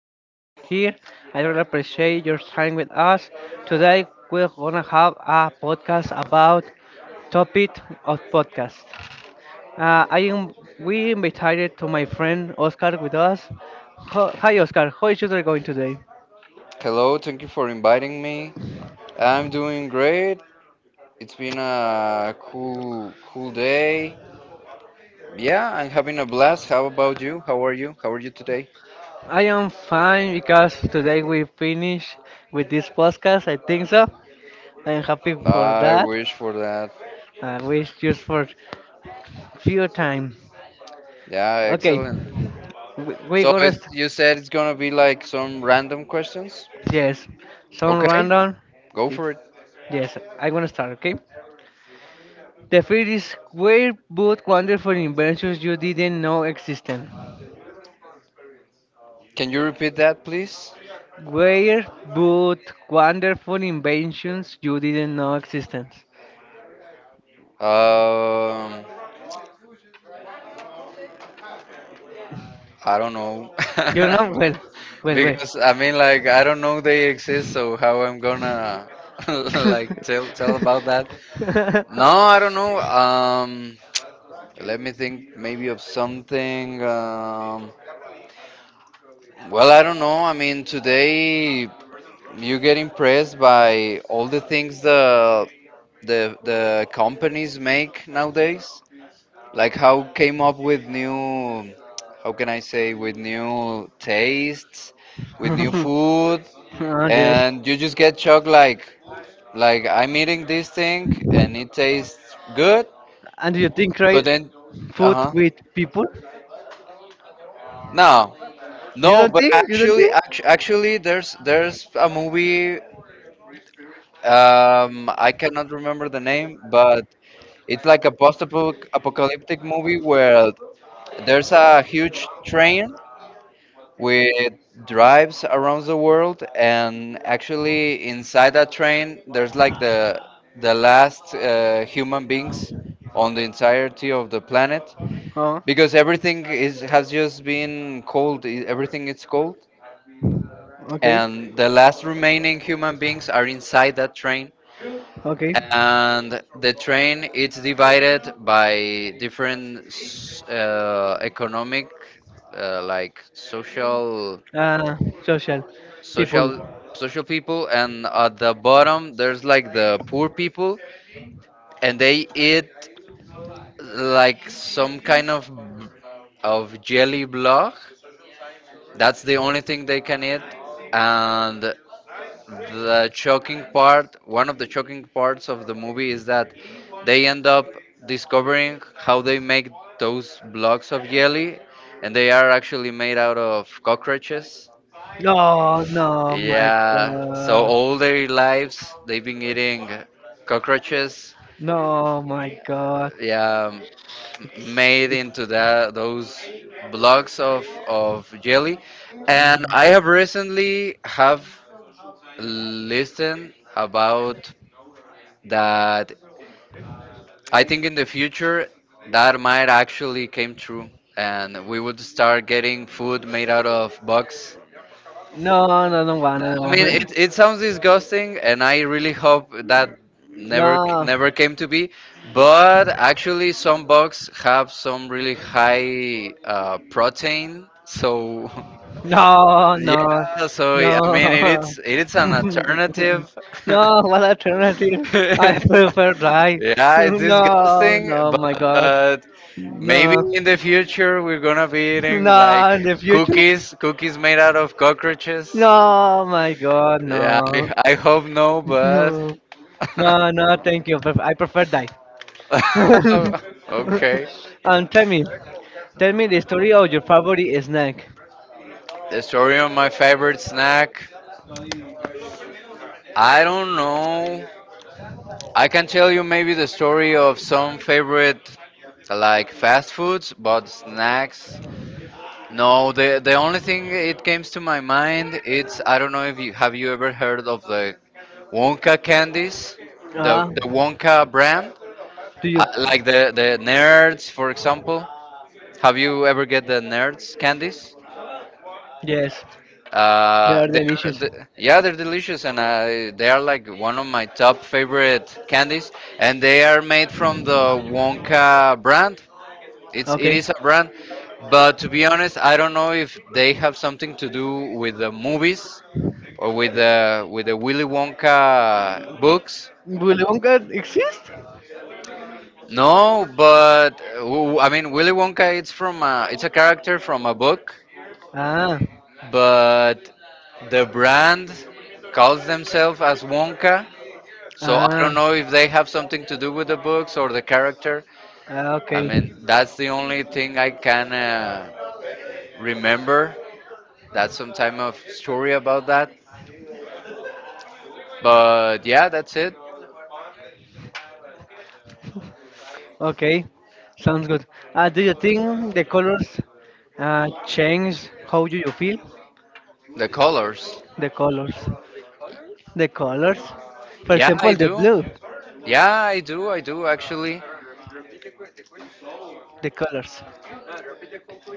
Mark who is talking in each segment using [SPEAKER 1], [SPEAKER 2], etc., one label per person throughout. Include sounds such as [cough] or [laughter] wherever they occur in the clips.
[SPEAKER 1] you to stay here. I really appreciate your time with us. Today, we're gonna have a podcast about topic of podcast. I am We invited to my friend Oscar with us. Hi, Oscar. How is your day going today?
[SPEAKER 2] Hello, thank you for inviting me. I'm doing great. It's been a cool, cool day. Yeah, I'm having a blast. How about you? How are you? How are you today?
[SPEAKER 1] I am fine because today we finish with this podcast. I think so. I am happy for
[SPEAKER 2] I
[SPEAKER 1] that.
[SPEAKER 2] wish for that.
[SPEAKER 1] I wish just for few time.
[SPEAKER 2] Yeah,
[SPEAKER 1] Okay,
[SPEAKER 2] excellent.
[SPEAKER 1] we're
[SPEAKER 2] So
[SPEAKER 1] gonna. St-
[SPEAKER 2] you said it's gonna be like some random questions?
[SPEAKER 1] Yes, some
[SPEAKER 2] Okay,
[SPEAKER 1] random.
[SPEAKER 2] go
[SPEAKER 1] Ye-
[SPEAKER 2] for it.
[SPEAKER 1] Yes, I'm gonna start, okay? The first is where both wonderful inventions you didn't know existed.
[SPEAKER 2] Can you repeat that, please?
[SPEAKER 1] Where both wonderful inventions you didn't know existed.
[SPEAKER 2] Um, I don't know.
[SPEAKER 1] You know? Well,
[SPEAKER 2] [laughs]
[SPEAKER 1] well, well.
[SPEAKER 2] Because I mean, like, I don't know they exist, so how I'm gonna [laughs] like, tell about that. No,
[SPEAKER 1] [laughs]
[SPEAKER 2] I don't know. Let me think maybe of something, well, I don't know. I mean today you get impressed by all the things the companies make nowadays. Like, how came up with new, how can I say, with new tastes,
[SPEAKER 1] [laughs]
[SPEAKER 2] with new food,
[SPEAKER 1] Oh, yes.
[SPEAKER 2] and you just get shocked, like I'm eating this thing and it tastes good,
[SPEAKER 1] And do you think
[SPEAKER 2] but
[SPEAKER 1] right
[SPEAKER 2] then,
[SPEAKER 1] food
[SPEAKER 2] uh-huh,
[SPEAKER 1] with people?
[SPEAKER 2] no,
[SPEAKER 1] You
[SPEAKER 2] no,
[SPEAKER 1] don't
[SPEAKER 2] but
[SPEAKER 1] think? You don't
[SPEAKER 2] actually,
[SPEAKER 1] think?
[SPEAKER 2] actually there's a movie. I cannot remember the name, but it's like a post-apocalyptic movie where there's a huge train with drives around the world, and actually inside that train there's like the last human beings on the entirety of the planet,
[SPEAKER 1] Oh,
[SPEAKER 2] because everything is has just been cold, everything is cold,
[SPEAKER 1] okay,
[SPEAKER 2] and the last remaining human beings are inside that train.
[SPEAKER 1] okay.
[SPEAKER 2] And the train it's divided by different economic, like
[SPEAKER 1] Uh, social people.
[SPEAKER 2] social social people, and at the bottom there's like the poor people, and they eat like some kind of jelly block, that's the only thing they can eat. And the shocking part one of the shocking parts of the movie is that they end up discovering how they make those blocks of jelly, and they are actually made out of cockroaches.
[SPEAKER 1] Oh no, my
[SPEAKER 2] Yeah. So
[SPEAKER 1] God.
[SPEAKER 2] all their lives they've been eating cockroaches.
[SPEAKER 1] No, my God. No!
[SPEAKER 2] Yeah, m- made into that those blocks of jelly, and I have recently have listened about that. I think in the future that might actually came true, and we would start getting food made out of bugs.
[SPEAKER 1] No, don't wanna, don't
[SPEAKER 2] I
[SPEAKER 1] wanna.
[SPEAKER 2] mean, it sounds disgusting, and I really hope that
[SPEAKER 1] [laughs]
[SPEAKER 2] never
[SPEAKER 1] No,
[SPEAKER 2] never came to be. But actually, some bugs have some really high protein, so
[SPEAKER 1] no,
[SPEAKER 2] [laughs]
[SPEAKER 1] no,
[SPEAKER 2] yeah. So I mean, it
[SPEAKER 1] no,
[SPEAKER 2] is it is an
[SPEAKER 1] [laughs]
[SPEAKER 2] alternative. [laughs] Yeah,
[SPEAKER 1] no. What alternative? I prefer die. [laughs]
[SPEAKER 2] it's
[SPEAKER 1] No,
[SPEAKER 2] disgusting,
[SPEAKER 1] no, my God,
[SPEAKER 2] but maybe
[SPEAKER 1] no,
[SPEAKER 2] in the future we're gonna be eating
[SPEAKER 1] no. In the
[SPEAKER 2] like
[SPEAKER 1] future?
[SPEAKER 2] cookies made out of cockroaches.
[SPEAKER 1] No, my God,
[SPEAKER 2] Yeah,
[SPEAKER 1] no,
[SPEAKER 2] I hope no, but
[SPEAKER 1] no, no, no. Thank you. Pref- I prefer die. [laughs]
[SPEAKER 2] [laughs] okay.
[SPEAKER 1] And tell me the story of your favorite snack.
[SPEAKER 2] The story of my favorite snack. I don't know. I can tell you maybe the story of some favorite like fast foods, but snacks. No, the only thing it comes to my mind it's I don't know if you ever heard of the Wonka candies, the
[SPEAKER 1] Ah,
[SPEAKER 2] the Wonka brand.
[SPEAKER 1] do you?
[SPEAKER 2] Like the nerds, for example. Have you ever get the nerds candies?
[SPEAKER 1] Yes, they are
[SPEAKER 2] They're,
[SPEAKER 1] delicious.
[SPEAKER 2] the yeah, they're delicious, and they are like one of my top favorite candies. And they are made from the Wonka brand. It's it
[SPEAKER 1] Okay.
[SPEAKER 2] is a brand, but to be honest, I don't know if they have something to do with the movies, or with the Willy Wonka books.
[SPEAKER 1] Willy Wonka exist?
[SPEAKER 2] No, but I mean Willy Wonka. It's a character from a book,
[SPEAKER 1] Ah,
[SPEAKER 2] but the brand calls themselves as Wonka. So I
[SPEAKER 1] ah,
[SPEAKER 2] don't know if they have something to do with the books or the character.
[SPEAKER 1] ah,
[SPEAKER 2] I
[SPEAKER 1] okay,
[SPEAKER 2] mean that's the only thing I can remember. That's some type of story about that. But yeah, that's it.
[SPEAKER 1] okay. Sounds good. Do you think the colors change how do you feel?
[SPEAKER 2] The colors.
[SPEAKER 1] The colors. The colors. For
[SPEAKER 2] Yeah,
[SPEAKER 1] example,
[SPEAKER 2] I
[SPEAKER 1] the
[SPEAKER 2] do.
[SPEAKER 1] blue.
[SPEAKER 2] Yeah, I do. I do actually.
[SPEAKER 1] The colors.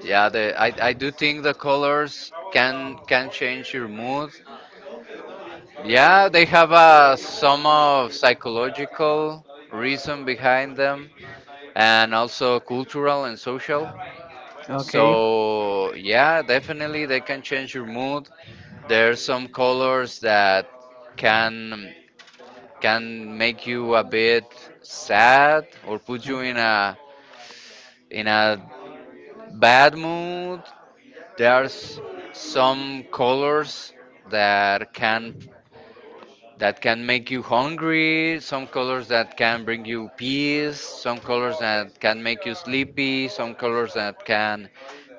[SPEAKER 2] Yeah, I do think the colors can change your mood. Yeah, they have a some of psychological reason behind them, and also cultural and social.
[SPEAKER 1] Okay,
[SPEAKER 2] So yeah, definitely they can change your mood. There are some colors that can can make you a bit sad, or put you in a bad mood. There's some colors that can that can make you hungry, some colors that can bring you peace, some colors that can make you sleepy, some colors that can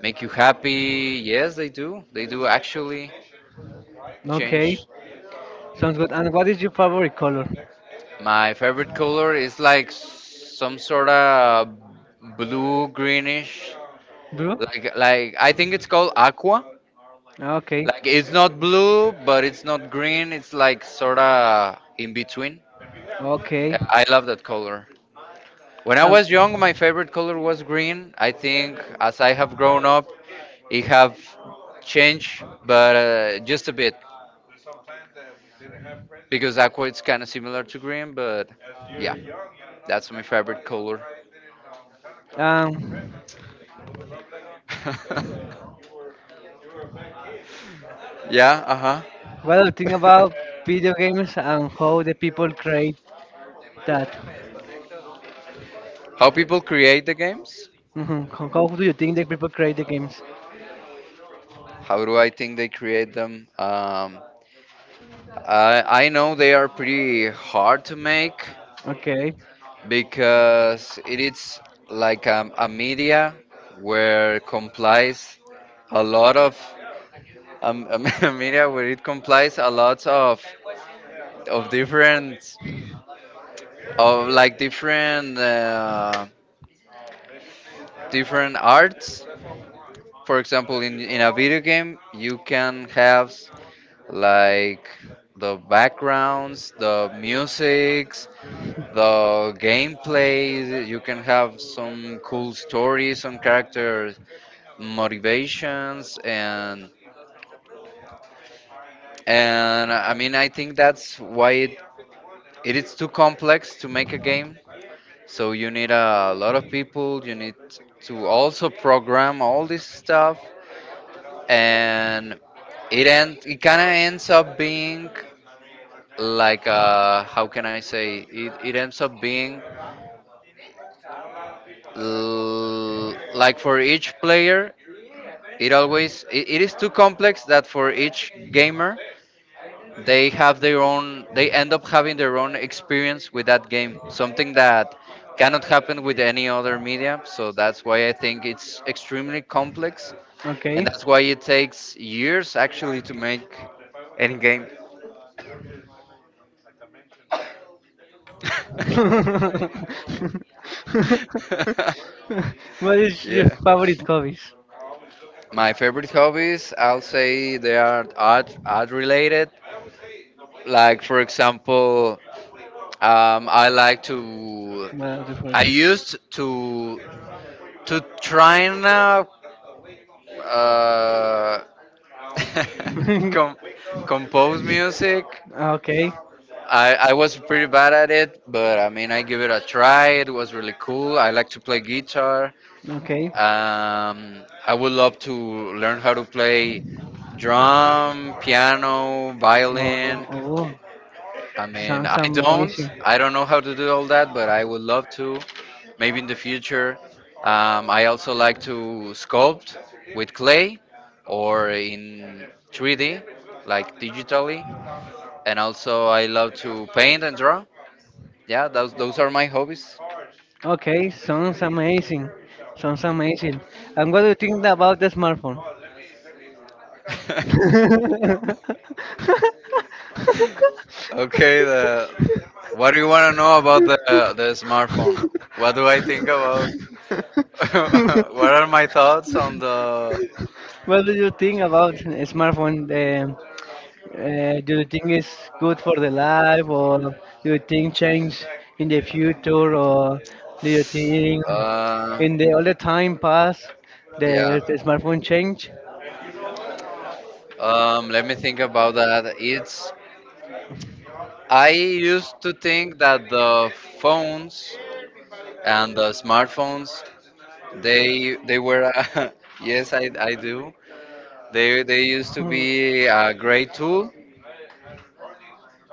[SPEAKER 2] make you happy. Yes, they do. They do actually
[SPEAKER 1] okay,
[SPEAKER 2] change.
[SPEAKER 1] sounds good. And what is your favorite color?
[SPEAKER 2] My favorite color is like some sort of blue greenish.
[SPEAKER 1] Blue?
[SPEAKER 2] Like, I think it's called aqua.
[SPEAKER 1] Okay,
[SPEAKER 2] It's not blue, but it's not green. It's like sorta in between.
[SPEAKER 1] okay.
[SPEAKER 2] I love that color. When I was young, my favorite color was green. I think as I have grown up, it have changed, but just a bit, because aqua is kind of similar to green. But yeah, that's my favorite color.
[SPEAKER 1] And
[SPEAKER 2] [laughs] Yeah, uh
[SPEAKER 1] well, think
[SPEAKER 2] huh.
[SPEAKER 1] about
[SPEAKER 2] [laughs]
[SPEAKER 1] video games and how the people create that.
[SPEAKER 2] How people create the games?
[SPEAKER 1] Mhm. How do you think the people create the games?
[SPEAKER 2] How do I think they create them? I know they are pretty hard to make,
[SPEAKER 1] Okay.
[SPEAKER 2] because it is like a media where complies a lot of [laughs] a media where it complies a lot of different of like different different arts. For example, in a video game, you can have like the backgrounds, the musics, the gameplay, you can have some cool stories, some characters, motivations, and I mean I think that's why it is too complex to make a game, so you need a lot of people, you need to also program all this stuff. And it kind of ends up being like, how can I say, it ends up being like for each player. It is too complex, that for each gamer they end up having their own experience with that game. Something that cannot happen with any other media. So that's why I think it's extremely complex,
[SPEAKER 1] Okay.
[SPEAKER 2] and that's why it takes years actually to make any game. [laughs]
[SPEAKER 1] [laughs] What is your
[SPEAKER 2] Yeah.
[SPEAKER 1] favorite hobbies?
[SPEAKER 2] My favorite hobbies, I'll say they are art related. Like for example, um, I like to
[SPEAKER 1] Well, the first.
[SPEAKER 2] I used to try, and uh, [laughs]
[SPEAKER 1] [laughs]
[SPEAKER 2] com-
[SPEAKER 1] [laughs]
[SPEAKER 2] compose music.
[SPEAKER 1] Okay,
[SPEAKER 2] I was pretty bad at it, but I mean I give it a try. It was really cool. I like to play guitar.
[SPEAKER 1] okay.
[SPEAKER 2] I would love to learn how to play drum, piano,
[SPEAKER 1] Oh, oh,
[SPEAKER 2] violin.
[SPEAKER 1] oh,
[SPEAKER 2] I mean,
[SPEAKER 1] sounds
[SPEAKER 2] I don't.
[SPEAKER 1] amazing.
[SPEAKER 2] I don't know how to do all that, but I would love to. Maybe in the future. I also like to sculpt with clay or in 3D, like digitally. And also, I love to paint and draw. Yeah, those are my hobbies.
[SPEAKER 1] Okay, sounds amazing. Sounds amazing. And what do you think about the smartphone?
[SPEAKER 2] [laughs] Okay. What do you want to know about the smartphone? What do I think about?
[SPEAKER 1] [laughs]
[SPEAKER 2] [laughs] What are my thoughts on the—
[SPEAKER 1] What do you think about a smartphone? Do you think it's good for the life, or do you think change in the future, or do you think
[SPEAKER 2] Uh,
[SPEAKER 1] in the all the time past
[SPEAKER 2] yeah.
[SPEAKER 1] the smartphone change?
[SPEAKER 2] Let me think about that. It's I used to think that the phones and the smartphones they were, [laughs] yes, I do, they used to be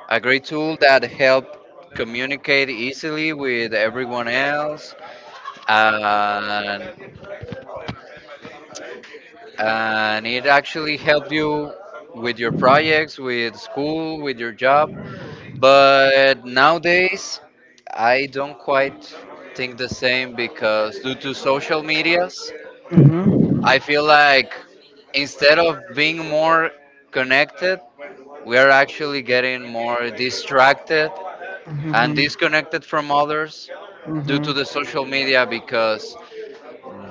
[SPEAKER 2] a great tool that helped communicate easily with everyone else, and and it actually helped you with your projects, with school, with your job. But nowadays, I don't quite think the same, because due to social medias,
[SPEAKER 1] Mm-hmm.
[SPEAKER 2] I feel like instead of being more connected, we are actually getting more distracted and
[SPEAKER 1] Hmm.
[SPEAKER 2] disconnected from others due to the social media, because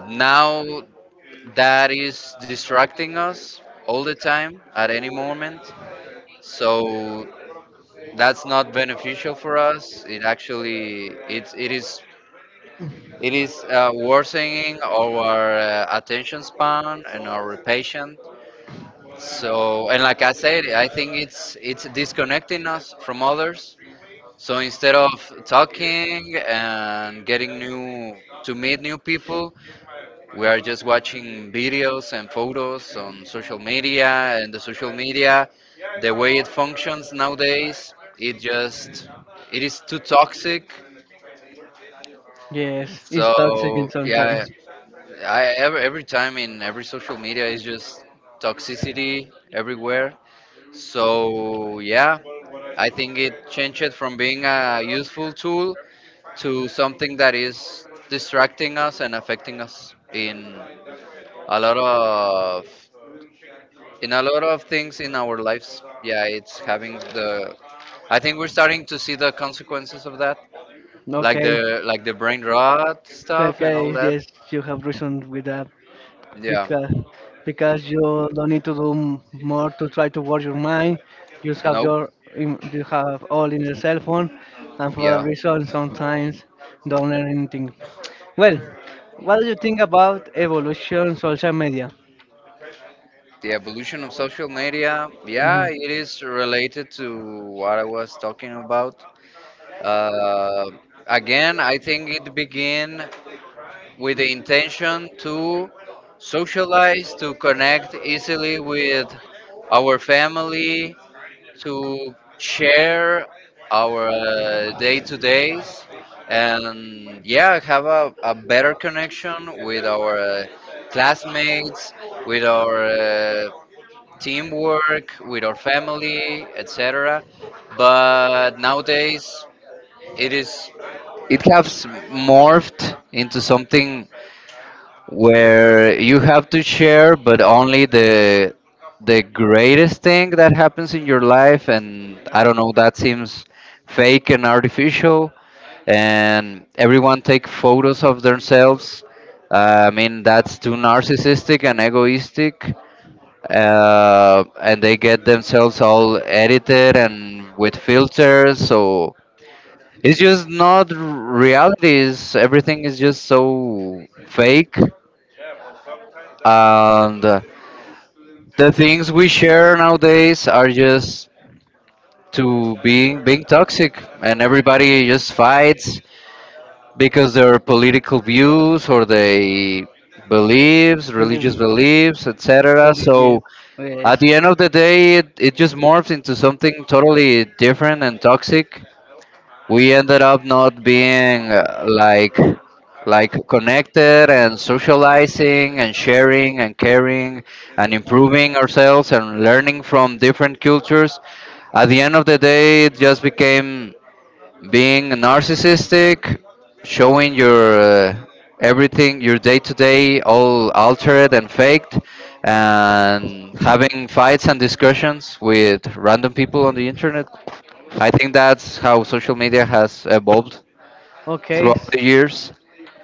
[SPEAKER 2] now that is distracting us all the time at any moment. So
[SPEAKER 1] Hmm.
[SPEAKER 2] that's not beneficial for us. It actually it's it is worsening our attention span and our patience. So and like I said, I think it's disconnecting us from others. So instead of talking and getting new to meet new people, we are just watching videos and photos on social media, and the social media, the way it functions nowadays, it is too toxic.
[SPEAKER 1] Yes, it's toxic and
[SPEAKER 2] So yeah,
[SPEAKER 1] sometimes.
[SPEAKER 2] every time in every social media is just toxicity everywhere. So yeah, I think it changed from being a useful tool to something that is distracting us and affecting us in a lot of in a lot of things in our lives. Yeah, it's having the— I think we're starting to see the consequences of that, like
[SPEAKER 1] Okay,
[SPEAKER 2] the brain rot stuff and
[SPEAKER 1] okay,
[SPEAKER 2] all that.
[SPEAKER 1] yes, you have reason with that
[SPEAKER 2] Yeah.
[SPEAKER 1] because because you don't need to do m- more to try to work your mind. You just have
[SPEAKER 2] Nope.
[SPEAKER 1] your in- you have all in your cell phone, and for that
[SPEAKER 2] Yeah,
[SPEAKER 1] reason, sometimes don't learn anything. Well, what do you think about evolution social media?
[SPEAKER 2] the evolution of social media, yeah,
[SPEAKER 1] Mhm.
[SPEAKER 2] it is related to what I was talking about. uh, Again, I think it began with the intention to socialize, to connect easily with our family, to share our day to days, and yeah, have a better connection with our classmates, with our teamwork, with our family, etc. But nowadays it is— it has morphed into something where you have to share but only the greatest thing that happens in your life, and I don't know, that seems fake and artificial. And everyone take photos of themselves. I mean, that's too narcissistic and egoistic. And they get themselves all edited and with filters, so it's just not reality. Is everything is just so fake? And the things we share nowadays are just to being being toxic, and everybody just fights because their political views or they— beliefs, religious
[SPEAKER 1] Believe-
[SPEAKER 2] beliefs, etc.
[SPEAKER 1] well,
[SPEAKER 2] So
[SPEAKER 1] yes,
[SPEAKER 2] at the end
[SPEAKER 1] yes.
[SPEAKER 2] of the day, it just morphs into something totally different and toxic. We ended up not being like— like connected and socializing and sharing and caring and improving ourselves and learning from different cultures. At the end of the day, it just became being narcissistic, showing your everything, your day to day all altered and faked, and having fights and discussions with random people on the internet. I think that's how social media has evolved
[SPEAKER 1] Okay,
[SPEAKER 2] throughout the years.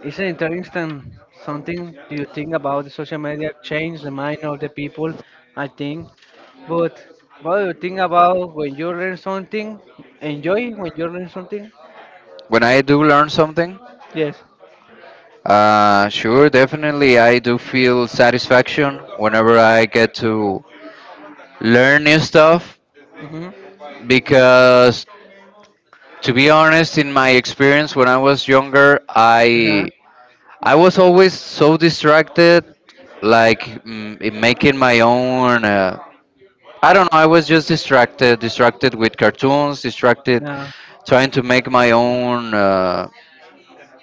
[SPEAKER 1] it's an interesting something do you think about the social media change the mind of the people? I think. But what do you think about when you learn something? Enjoy when you learn something?
[SPEAKER 2] When I do learn something,
[SPEAKER 1] Yes.
[SPEAKER 2] sure, definitely I do feel satisfaction whenever I get to learn new stuff.
[SPEAKER 1] Hmm.
[SPEAKER 2] Because to be honest, in my experience when I was younger,
[SPEAKER 1] Uh-huh.
[SPEAKER 2] I was always so distracted, like in making my own I don't know. I was just distracted, distracted with cartoons, distracted
[SPEAKER 1] Yeah.
[SPEAKER 2] trying to make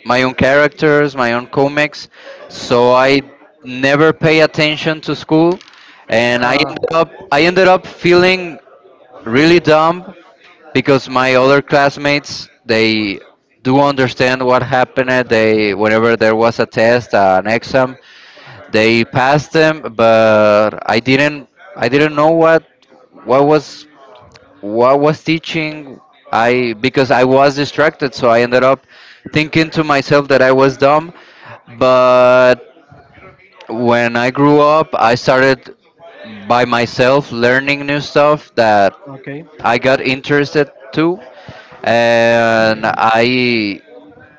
[SPEAKER 2] my own characters, my own comics. So I never pay attention to school, and I ended up feeling really dumb, because my other classmates, they do understand what happened. They— whenever there was a test, an exam, they passed them, but I didn't. I didn't know what— what was— what was teaching. I, because I was distracted, so I ended up thinking to myself that I was dumb. But when I grew up, I started by myself learning new stuff that
[SPEAKER 1] Okay.
[SPEAKER 2] I got interested to, and i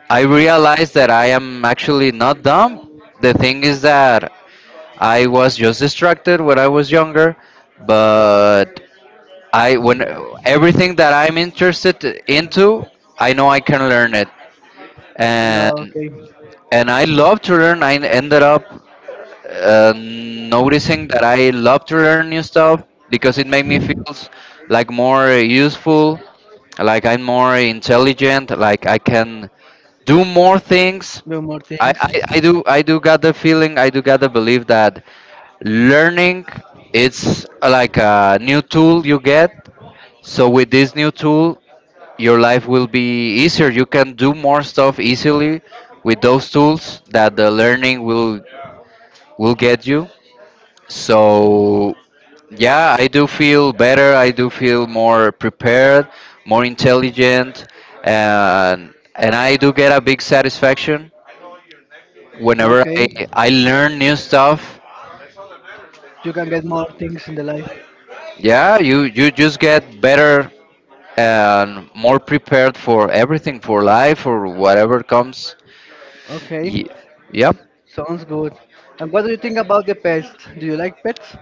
[SPEAKER 2] i realized that I am actually not dumb. The thing is that I was just distracted when I was younger. But I— when everything that I'm interested into, I know I can learn it,
[SPEAKER 1] No,
[SPEAKER 2] and
[SPEAKER 1] okay.
[SPEAKER 2] and I love to learn. I ended up noticing that I love to learn new stuff, because it made me feels like more useful, like I'm more intelligent, like I can do more things.
[SPEAKER 1] Do more things.
[SPEAKER 2] I do got the feeling, I do got the belief that learning, it's like a new tool you get. So with this new tool, your life will be easier. You can do more stuff easily with those tools that the learning will get you. So yeah, I do feel better. I do feel more prepared, more intelligent, and I do get a big satisfaction whenever I
[SPEAKER 1] Okay.
[SPEAKER 2] I learn new stuff.
[SPEAKER 1] You can get more things in the life.
[SPEAKER 2] Yeah, you— you just get better and more prepared for everything, for life or whatever comes.
[SPEAKER 1] Okay.
[SPEAKER 2] Ye- yep.
[SPEAKER 1] Sounds good. And what do you think about the pets? Do you like pets?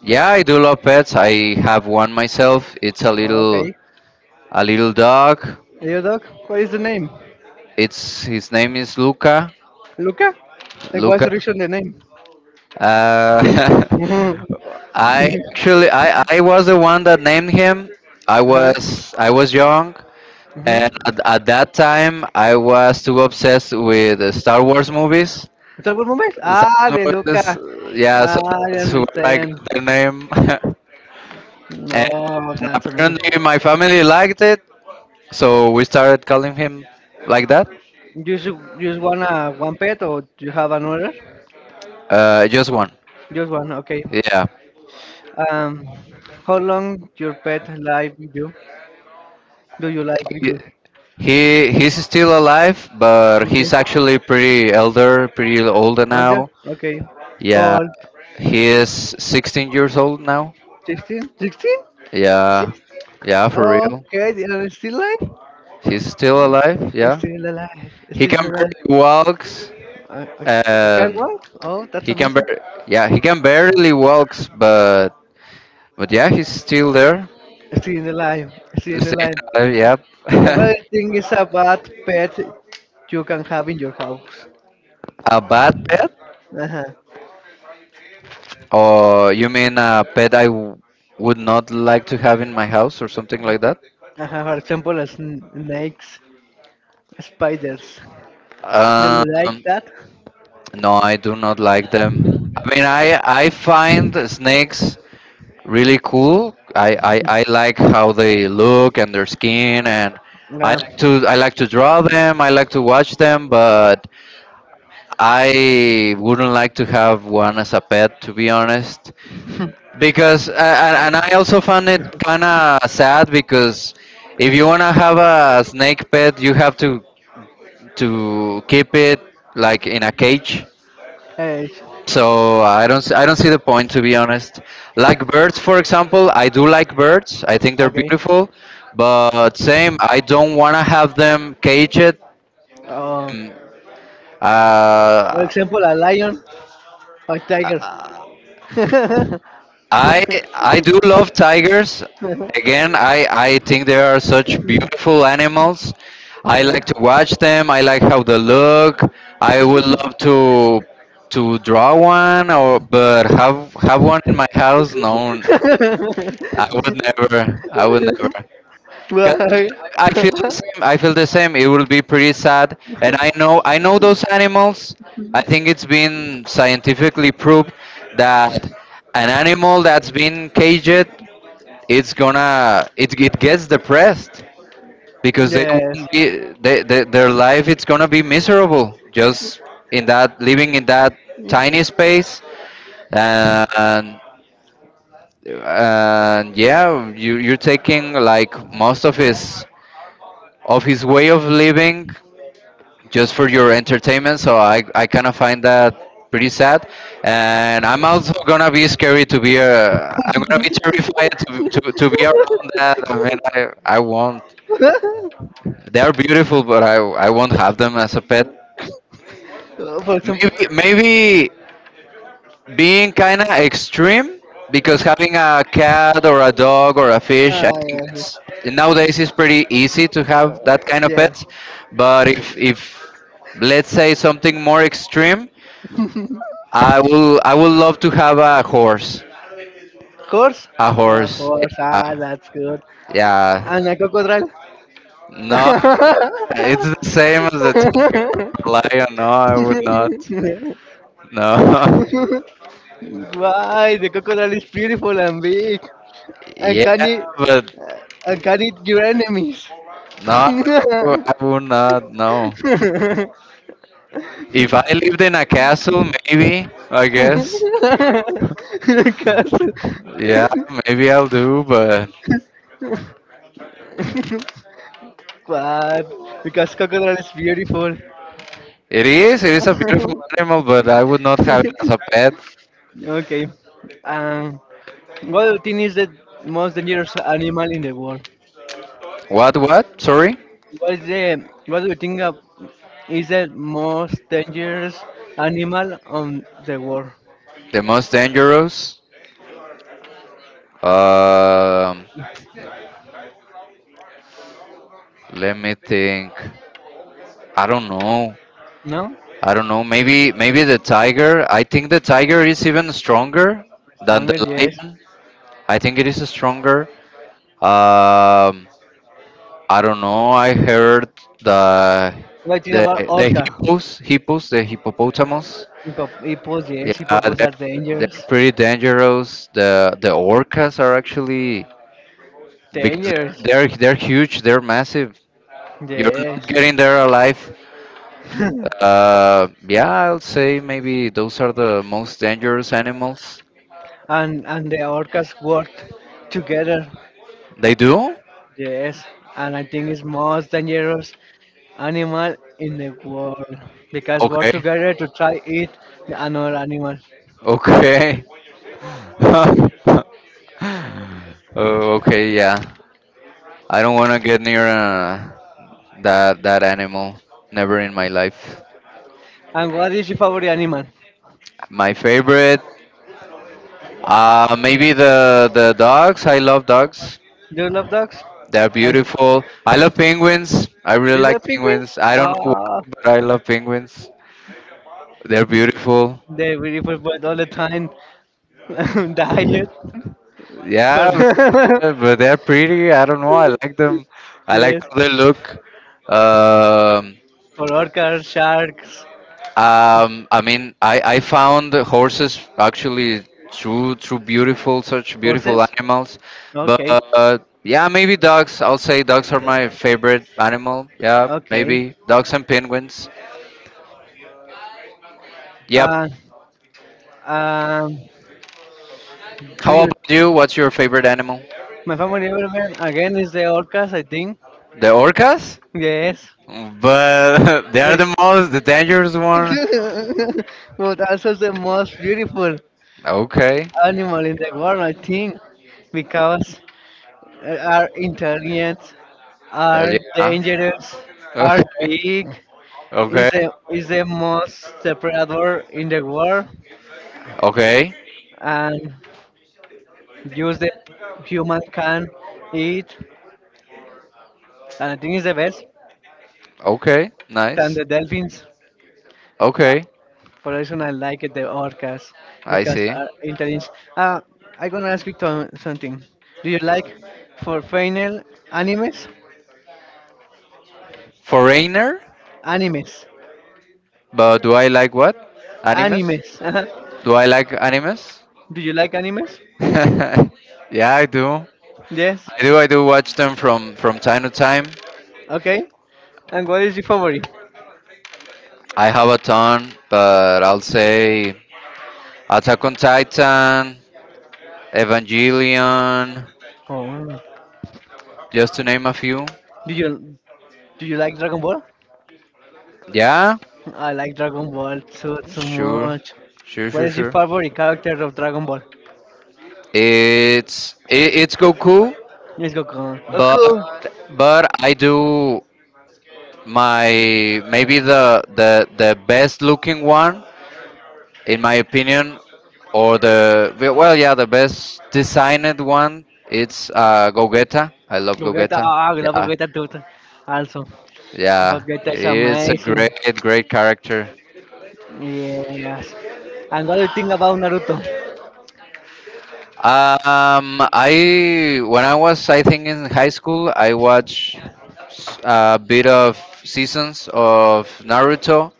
[SPEAKER 2] Yeah, I do love pets. I have one myself. It's a little—
[SPEAKER 1] Okay.
[SPEAKER 2] a little dog.
[SPEAKER 1] Hey, your dog? What is the name?
[SPEAKER 2] It's his name is Luca.
[SPEAKER 1] Luca? Like, what's
[SPEAKER 2] Luca.
[SPEAKER 1] the reason the name?
[SPEAKER 2] Uh,
[SPEAKER 1] [laughs] Mhm.
[SPEAKER 2] [laughs] I actually— I was the one that named him. I
[SPEAKER 1] Huh.
[SPEAKER 2] was I was young,
[SPEAKER 1] Mhm.
[SPEAKER 2] and at that time I was too obsessed with the Star Wars movies.
[SPEAKER 1] ¿Es algún momento?
[SPEAKER 2] Star
[SPEAKER 1] Ah, de
[SPEAKER 2] Wars
[SPEAKER 1] Luca.
[SPEAKER 2] movies, yeah,
[SPEAKER 1] Ah,
[SPEAKER 2] so
[SPEAKER 1] I
[SPEAKER 2] that's where I
[SPEAKER 1] understand.
[SPEAKER 2] got the name. [laughs] And
[SPEAKER 1] Oh, that's amazing.
[SPEAKER 2] apparently
[SPEAKER 1] You
[SPEAKER 2] my family liked it, so we started calling him like that.
[SPEAKER 1] just you just want one pet or do you have another?
[SPEAKER 2] Just one.
[SPEAKER 1] Just one, okay.
[SPEAKER 2] Yeah.
[SPEAKER 1] Um, how long your pet live with you? Do you live with
[SPEAKER 2] He—
[SPEAKER 1] you?
[SPEAKER 2] he's still alive, but
[SPEAKER 1] Okay,
[SPEAKER 2] he's actually pretty elder, pretty older
[SPEAKER 1] older?
[SPEAKER 2] now.
[SPEAKER 1] Okay, how
[SPEAKER 2] Yeah.
[SPEAKER 1] old?
[SPEAKER 2] He is 16 years old now.
[SPEAKER 1] 16? 16?
[SPEAKER 2] Yeah. Yeah, for real.
[SPEAKER 1] Okay, they are still alive?
[SPEAKER 2] He's still alive. Yeah.
[SPEAKER 1] Still alive,
[SPEAKER 2] He
[SPEAKER 1] still
[SPEAKER 2] can
[SPEAKER 1] alive.
[SPEAKER 2] barely walks,
[SPEAKER 1] Uh, uh, can not
[SPEAKER 2] and
[SPEAKER 1] walk? Oh, that's
[SPEAKER 2] he
[SPEAKER 1] amazing.
[SPEAKER 2] yeah, he can barely walks, but yeah, he's still there.
[SPEAKER 1] Still in the line. Still in the
[SPEAKER 2] Staying
[SPEAKER 1] line.
[SPEAKER 2] alive,
[SPEAKER 1] Another
[SPEAKER 2] yeah.
[SPEAKER 1] thing is a bad pet you can have in your house.
[SPEAKER 2] [laughs] A bad pet?
[SPEAKER 1] Uh huh.
[SPEAKER 2] Or you mean a pet would not like to have in my house or something like that?
[SPEAKER 1] For example, sn- snakes, spiders. Do you
[SPEAKER 2] Um,
[SPEAKER 1] like that?
[SPEAKER 2] no, I do not like them. I mean, I find snakes really cool. I like how they look and their skin, and I
[SPEAKER 1] Uh,
[SPEAKER 2] like to— I like to draw them. I like to watch them. But I wouldn't like to have one as a pet, to be honest. Because and I also found it kind of sad, because if you want to have a snake pet, you have to— to keep it like in a cage.
[SPEAKER 1] eh,
[SPEAKER 2] So I don't s- I don't see the point, to be honest. Like birds, for example, I do like birds. I think they're
[SPEAKER 1] okay.
[SPEAKER 2] beautiful, but same, I don't want to have them caged.
[SPEAKER 1] Uh,
[SPEAKER 2] Mm,
[SPEAKER 1] for
[SPEAKER 2] Uh,
[SPEAKER 1] example, a lion or tiger. [laughs]
[SPEAKER 2] I I do love tigers. Again, I think they are such beautiful animals. I like to watch them. I like how they look. I would love to— to draw one. Or but have— have one in my house? No, I would never. I would never. 'Cause
[SPEAKER 1] Why?
[SPEAKER 2] I feel the same. I feel the same. It will be pretty sad, and I know those animals. I think it's been scientifically proved that an animal that's been caged, it's gonna— it gets depressed, because they
[SPEAKER 1] Yes.
[SPEAKER 2] won't be— their life, it's gonna be miserable, just in that— living in that tiny space. and and yeah, you— you're taking like most of his— of his way of living just for your entertainment. So I kind of find that pretty sad. And I'm also gonna
[SPEAKER 1] [laughs]
[SPEAKER 2] be scary to be a— I'm gonna be terrified to, to be around that. I mean, I won't. They are beautiful, but I won't have them as a pet.
[SPEAKER 1] For example,
[SPEAKER 2] Maybe maybe being kind of extreme, because having a cat or a dog or a fish,
[SPEAKER 1] ah,
[SPEAKER 2] I think it's— nowadays it's pretty easy to have that
[SPEAKER 1] yes,
[SPEAKER 2] kind of pets.
[SPEAKER 1] yes.
[SPEAKER 2] But if let's say something more extreme,
[SPEAKER 1] [laughs]
[SPEAKER 2] I would love to have a horse.
[SPEAKER 1] Horse?
[SPEAKER 2] A
[SPEAKER 1] Ah,
[SPEAKER 2] horse.
[SPEAKER 1] horse, ah,
[SPEAKER 2] Yeah.
[SPEAKER 1] that's good.
[SPEAKER 2] Yeah.
[SPEAKER 1] And a crocodile?
[SPEAKER 2] No, it's the same as the term lion. No, I would not. No.
[SPEAKER 1] [laughs] Why? The crocodile is beautiful and big,
[SPEAKER 2] [laughs]
[SPEAKER 1] and
[SPEAKER 2] Yeah,
[SPEAKER 1] can eat,
[SPEAKER 2] but
[SPEAKER 1] uh, and can eat your enemies.
[SPEAKER 2] no,
[SPEAKER 1] [laughs]
[SPEAKER 2] I would not. No. If I lived in a castle, maybe, I guess.
[SPEAKER 1] Because,
[SPEAKER 2] Yeah, maybe I'll do, but
[SPEAKER 1] what? Because crocodile is beautiful.
[SPEAKER 2] it is a beautiful animal, but I would not have it as a pet.
[SPEAKER 1] Okay. Um, what do you think is the most dangerous animal in the world?
[SPEAKER 2] What, what? Sorry?
[SPEAKER 1] What is the what do you think of, is the most dangerous animal on the world?
[SPEAKER 2] The most dangerous? Um, Let me think. I don't know.
[SPEAKER 1] No?
[SPEAKER 2] I don't know. Maybe, maybe the tiger. I think the tiger is even stronger than
[SPEAKER 1] Stronger,
[SPEAKER 2] the
[SPEAKER 1] yes.
[SPEAKER 2] lion. I think it is stronger. Um, I don't know. I heard the—
[SPEAKER 1] What do you
[SPEAKER 2] the
[SPEAKER 1] think about
[SPEAKER 2] the
[SPEAKER 1] orca?
[SPEAKER 2] hippos, the hippopotamus.
[SPEAKER 1] Hip hop, hip yes, hip
[SPEAKER 2] Yeah,
[SPEAKER 1] hop
[SPEAKER 2] they're
[SPEAKER 1] are
[SPEAKER 2] they're
[SPEAKER 1] dangerous.
[SPEAKER 2] pretty dangerous. The orcas are actually— because
[SPEAKER 1] Dangerous,
[SPEAKER 2] they're huge. They're massive. You're not
[SPEAKER 1] yes.
[SPEAKER 2] getting there alive.
[SPEAKER 1] [laughs]
[SPEAKER 2] Yeah, I'll say maybe those are the most dangerous animals.
[SPEAKER 1] And the orcas worked together,
[SPEAKER 2] They do?
[SPEAKER 1] yes. And I think it's most dangerous animal in the world because work
[SPEAKER 2] Okay.
[SPEAKER 1] together to try eat the another animal.
[SPEAKER 2] Okay. [laughs] Oh, okay, yeah. I don't want to get near that that animal. Never in my life.
[SPEAKER 1] And what is your favorite animal?
[SPEAKER 2] My favorite, maybe the dogs. I love dogs.
[SPEAKER 1] Do you love dogs?
[SPEAKER 2] They're
[SPEAKER 1] And
[SPEAKER 2] beautiful. I love penguins. I really
[SPEAKER 1] do you
[SPEAKER 2] like
[SPEAKER 1] love penguins?
[SPEAKER 2] penguins. I don't know
[SPEAKER 1] Ah,
[SPEAKER 2] why, but I love penguins. They're beautiful.
[SPEAKER 1] they will provide all the time [laughs] diet.
[SPEAKER 2] Yeah,
[SPEAKER 1] For
[SPEAKER 2] but they're pretty. I don't know. I like them.
[SPEAKER 1] [laughs]
[SPEAKER 2] I like
[SPEAKER 1] yes.
[SPEAKER 2] how they look. Um,
[SPEAKER 1] For worker sharks
[SPEAKER 2] I mean, I found the horses actually true, true beautiful, such beautiful
[SPEAKER 1] courses?
[SPEAKER 2] animals. But
[SPEAKER 1] Okay,
[SPEAKER 2] yeah, maybe dogs. I'll say dogs are my favorite animal. Yeah,
[SPEAKER 1] okay.
[SPEAKER 2] maybe dogs and penguins.
[SPEAKER 1] Uh,
[SPEAKER 2] Yep.
[SPEAKER 1] um, do
[SPEAKER 2] How
[SPEAKER 1] you?
[SPEAKER 2] about you? What's your favorite animal?
[SPEAKER 1] My favorite element again is the orcas, I think.
[SPEAKER 2] The orcas?
[SPEAKER 1] Yes.
[SPEAKER 2] But [laughs] they are
[SPEAKER 1] Wait.
[SPEAKER 2] the most, the dangerous one.
[SPEAKER 1] [laughs] But also the most beautiful
[SPEAKER 2] Okay.
[SPEAKER 1] animal in the world, I think, because are intelligent, are
[SPEAKER 2] Yeah.
[SPEAKER 1] dangerous,
[SPEAKER 2] [laughs]
[SPEAKER 1] are
[SPEAKER 2] Okay.
[SPEAKER 1] big, is
[SPEAKER 2] Okay.
[SPEAKER 1] the is the most predator in the world,
[SPEAKER 2] Okay.
[SPEAKER 1] and use the human can eat and I think it's the best
[SPEAKER 2] Okay.
[SPEAKER 1] than
[SPEAKER 2] Nice.
[SPEAKER 1] the dolphins.
[SPEAKER 2] Okay.
[SPEAKER 1] For the reason I like it the orcas
[SPEAKER 2] I
[SPEAKER 1] because
[SPEAKER 2] see.
[SPEAKER 1] are intelligent. Uh, I'm gonna ask you to- something. Do you like for final animes?
[SPEAKER 2] Foreigner?
[SPEAKER 1] Animes.
[SPEAKER 2] But do I like what? Animes?
[SPEAKER 1] Animes. Uh-huh.
[SPEAKER 2] Do I like animes?
[SPEAKER 1] Do you like animes?
[SPEAKER 2] [laughs] Yeah, I do.
[SPEAKER 1] Yes.
[SPEAKER 2] I do. I do watch them from— from time to time.
[SPEAKER 1] Okay. And what is your favorite?
[SPEAKER 2] I have a ton, but I'll say Attack on Titan, Evangelion,
[SPEAKER 1] Oh.
[SPEAKER 2] just to name a few.
[SPEAKER 1] Do you do you like Dragon Ball?
[SPEAKER 2] Yeah,
[SPEAKER 1] I like Dragon Ball so so
[SPEAKER 2] sure,
[SPEAKER 1] much.
[SPEAKER 2] sure,
[SPEAKER 1] What
[SPEAKER 2] sure,
[SPEAKER 1] is your
[SPEAKER 2] sure.
[SPEAKER 1] favorite character of Dragon Ball?
[SPEAKER 2] It's it's Goku.
[SPEAKER 1] Yes, Goku. Goku.
[SPEAKER 2] but but I do— my— maybe the the best looking one, in my opinion, or the— well, yeah, the best designed one, it's Gogeta. I love
[SPEAKER 1] Gogeta.
[SPEAKER 2] Gogeta.
[SPEAKER 1] Ah, I love
[SPEAKER 2] Yeah.
[SPEAKER 1] Gogeta too. Also,
[SPEAKER 2] Yeah.
[SPEAKER 1] Gogeta is
[SPEAKER 2] It's a
[SPEAKER 1] amazing.
[SPEAKER 2] great great character.
[SPEAKER 1] Yes. And what do you think about Naruto?
[SPEAKER 2] I— when I was— I think in high school I watched a bit of seasons of Naruto.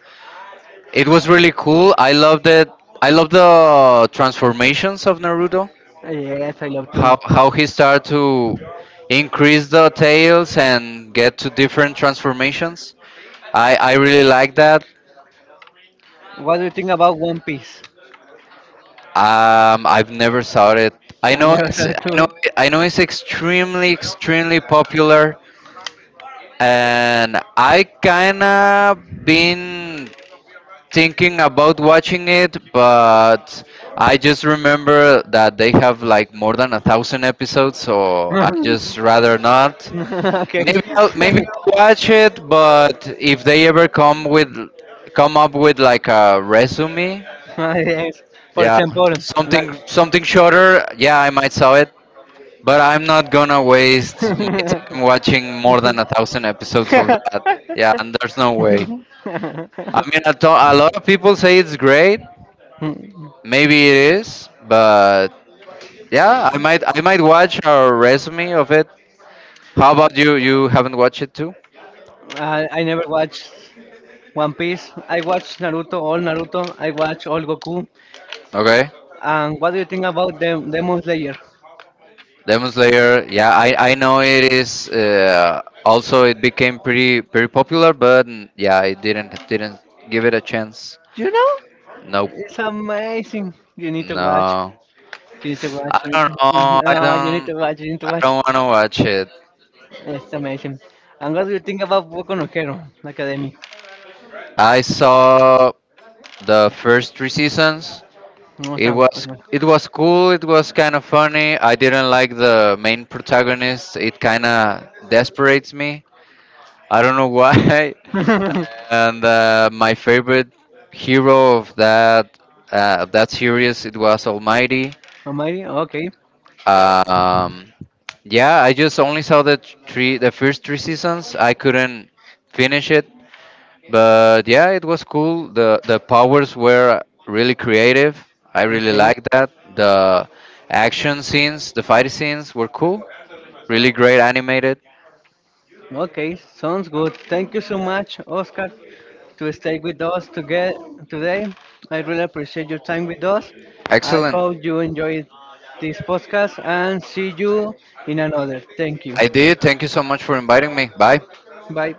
[SPEAKER 2] It was really cool. I loved it. I love the transformations of Naruto.
[SPEAKER 1] Yes, I love too.
[SPEAKER 2] How he started to increase the tails and get to different transformations. I really like that.
[SPEAKER 1] What do you think about One Piece?
[SPEAKER 2] I've never saw it. I
[SPEAKER 1] I
[SPEAKER 2] know
[SPEAKER 1] never [laughs]
[SPEAKER 2] it's—
[SPEAKER 1] saw it too.
[SPEAKER 2] I know it's extremely popular, and I kinda been thinking about watching it, but I just remember that they have like more than a thousand episodes, so I just rather not.
[SPEAKER 1] [laughs] Okay.
[SPEAKER 2] Maybe I'll watch it,
[SPEAKER 1] [laughs]
[SPEAKER 2] but if they ever come with— come
[SPEAKER 1] [laughs]
[SPEAKER 2] up with like a resume,
[SPEAKER 1] Ah, yes, for
[SPEAKER 2] yeah,
[SPEAKER 1] example, like
[SPEAKER 2] something something shorter, yeah, I might saw it, but I'm not gonna
[SPEAKER 1] [laughs]
[SPEAKER 2] waste my
[SPEAKER 1] I,
[SPEAKER 2] time watching more than a thousand episodes of that. Yeah, and there's no way. I mean, a, a lot of people say it's great. Maybe it is, but yeah, I might watch our resume of it. How about you? You haven't watched it too?
[SPEAKER 1] I never watched One Piece. I watched Naruto, all Naruto. I watched all Goku.
[SPEAKER 2] Okay.
[SPEAKER 1] And what do you think about Demon Slayer?
[SPEAKER 2] Demon Slayer. Yeah, I know it is. Also, it became pretty pretty popular, but yeah, I didn't give it a chance.
[SPEAKER 1] You know,
[SPEAKER 2] Nope.
[SPEAKER 1] it's amazing. You need to watch.
[SPEAKER 2] No.
[SPEAKER 1] You need to
[SPEAKER 2] I
[SPEAKER 1] watch. You need
[SPEAKER 2] don't
[SPEAKER 1] to,
[SPEAKER 2] know.
[SPEAKER 1] [laughs] ah, you need to watch. You need to
[SPEAKER 2] I
[SPEAKER 1] watch.
[SPEAKER 2] don't want to watch it.
[SPEAKER 1] It's amazing. And what do you think about Boku no Hero Academy?
[SPEAKER 2] I saw the first three seasons. It
[SPEAKER 1] Awesome.
[SPEAKER 2] was—
[SPEAKER 1] Awesome.
[SPEAKER 2] it was cool. It was kind of funny. I didn't like the main protagonist. It kind of desperates me. I don't know why. [laughs]
[SPEAKER 1] [laughs]
[SPEAKER 2] And my favorite hero of that— of that series, it was Almighty.
[SPEAKER 1] Almighty? Okay.
[SPEAKER 2] Um, yeah, I just only saw the— three the first three seasons. I couldn't finish it. But yeah, it was cool. The powers were really creative. I really
[SPEAKER 1] Okay.
[SPEAKER 2] liked that. The action scenes, the fight scenes were cool, really great animated.
[SPEAKER 1] Okay. Sounds good. Thank you so much, Oscar, to stay with us to get today. I really appreciate your time with us. I
[SPEAKER 2] Excellent.
[SPEAKER 1] hope you enjoyed this podcast and see you in another. Thank you.
[SPEAKER 2] I did. Thank you so much for inviting me. Bye.
[SPEAKER 1] Bye.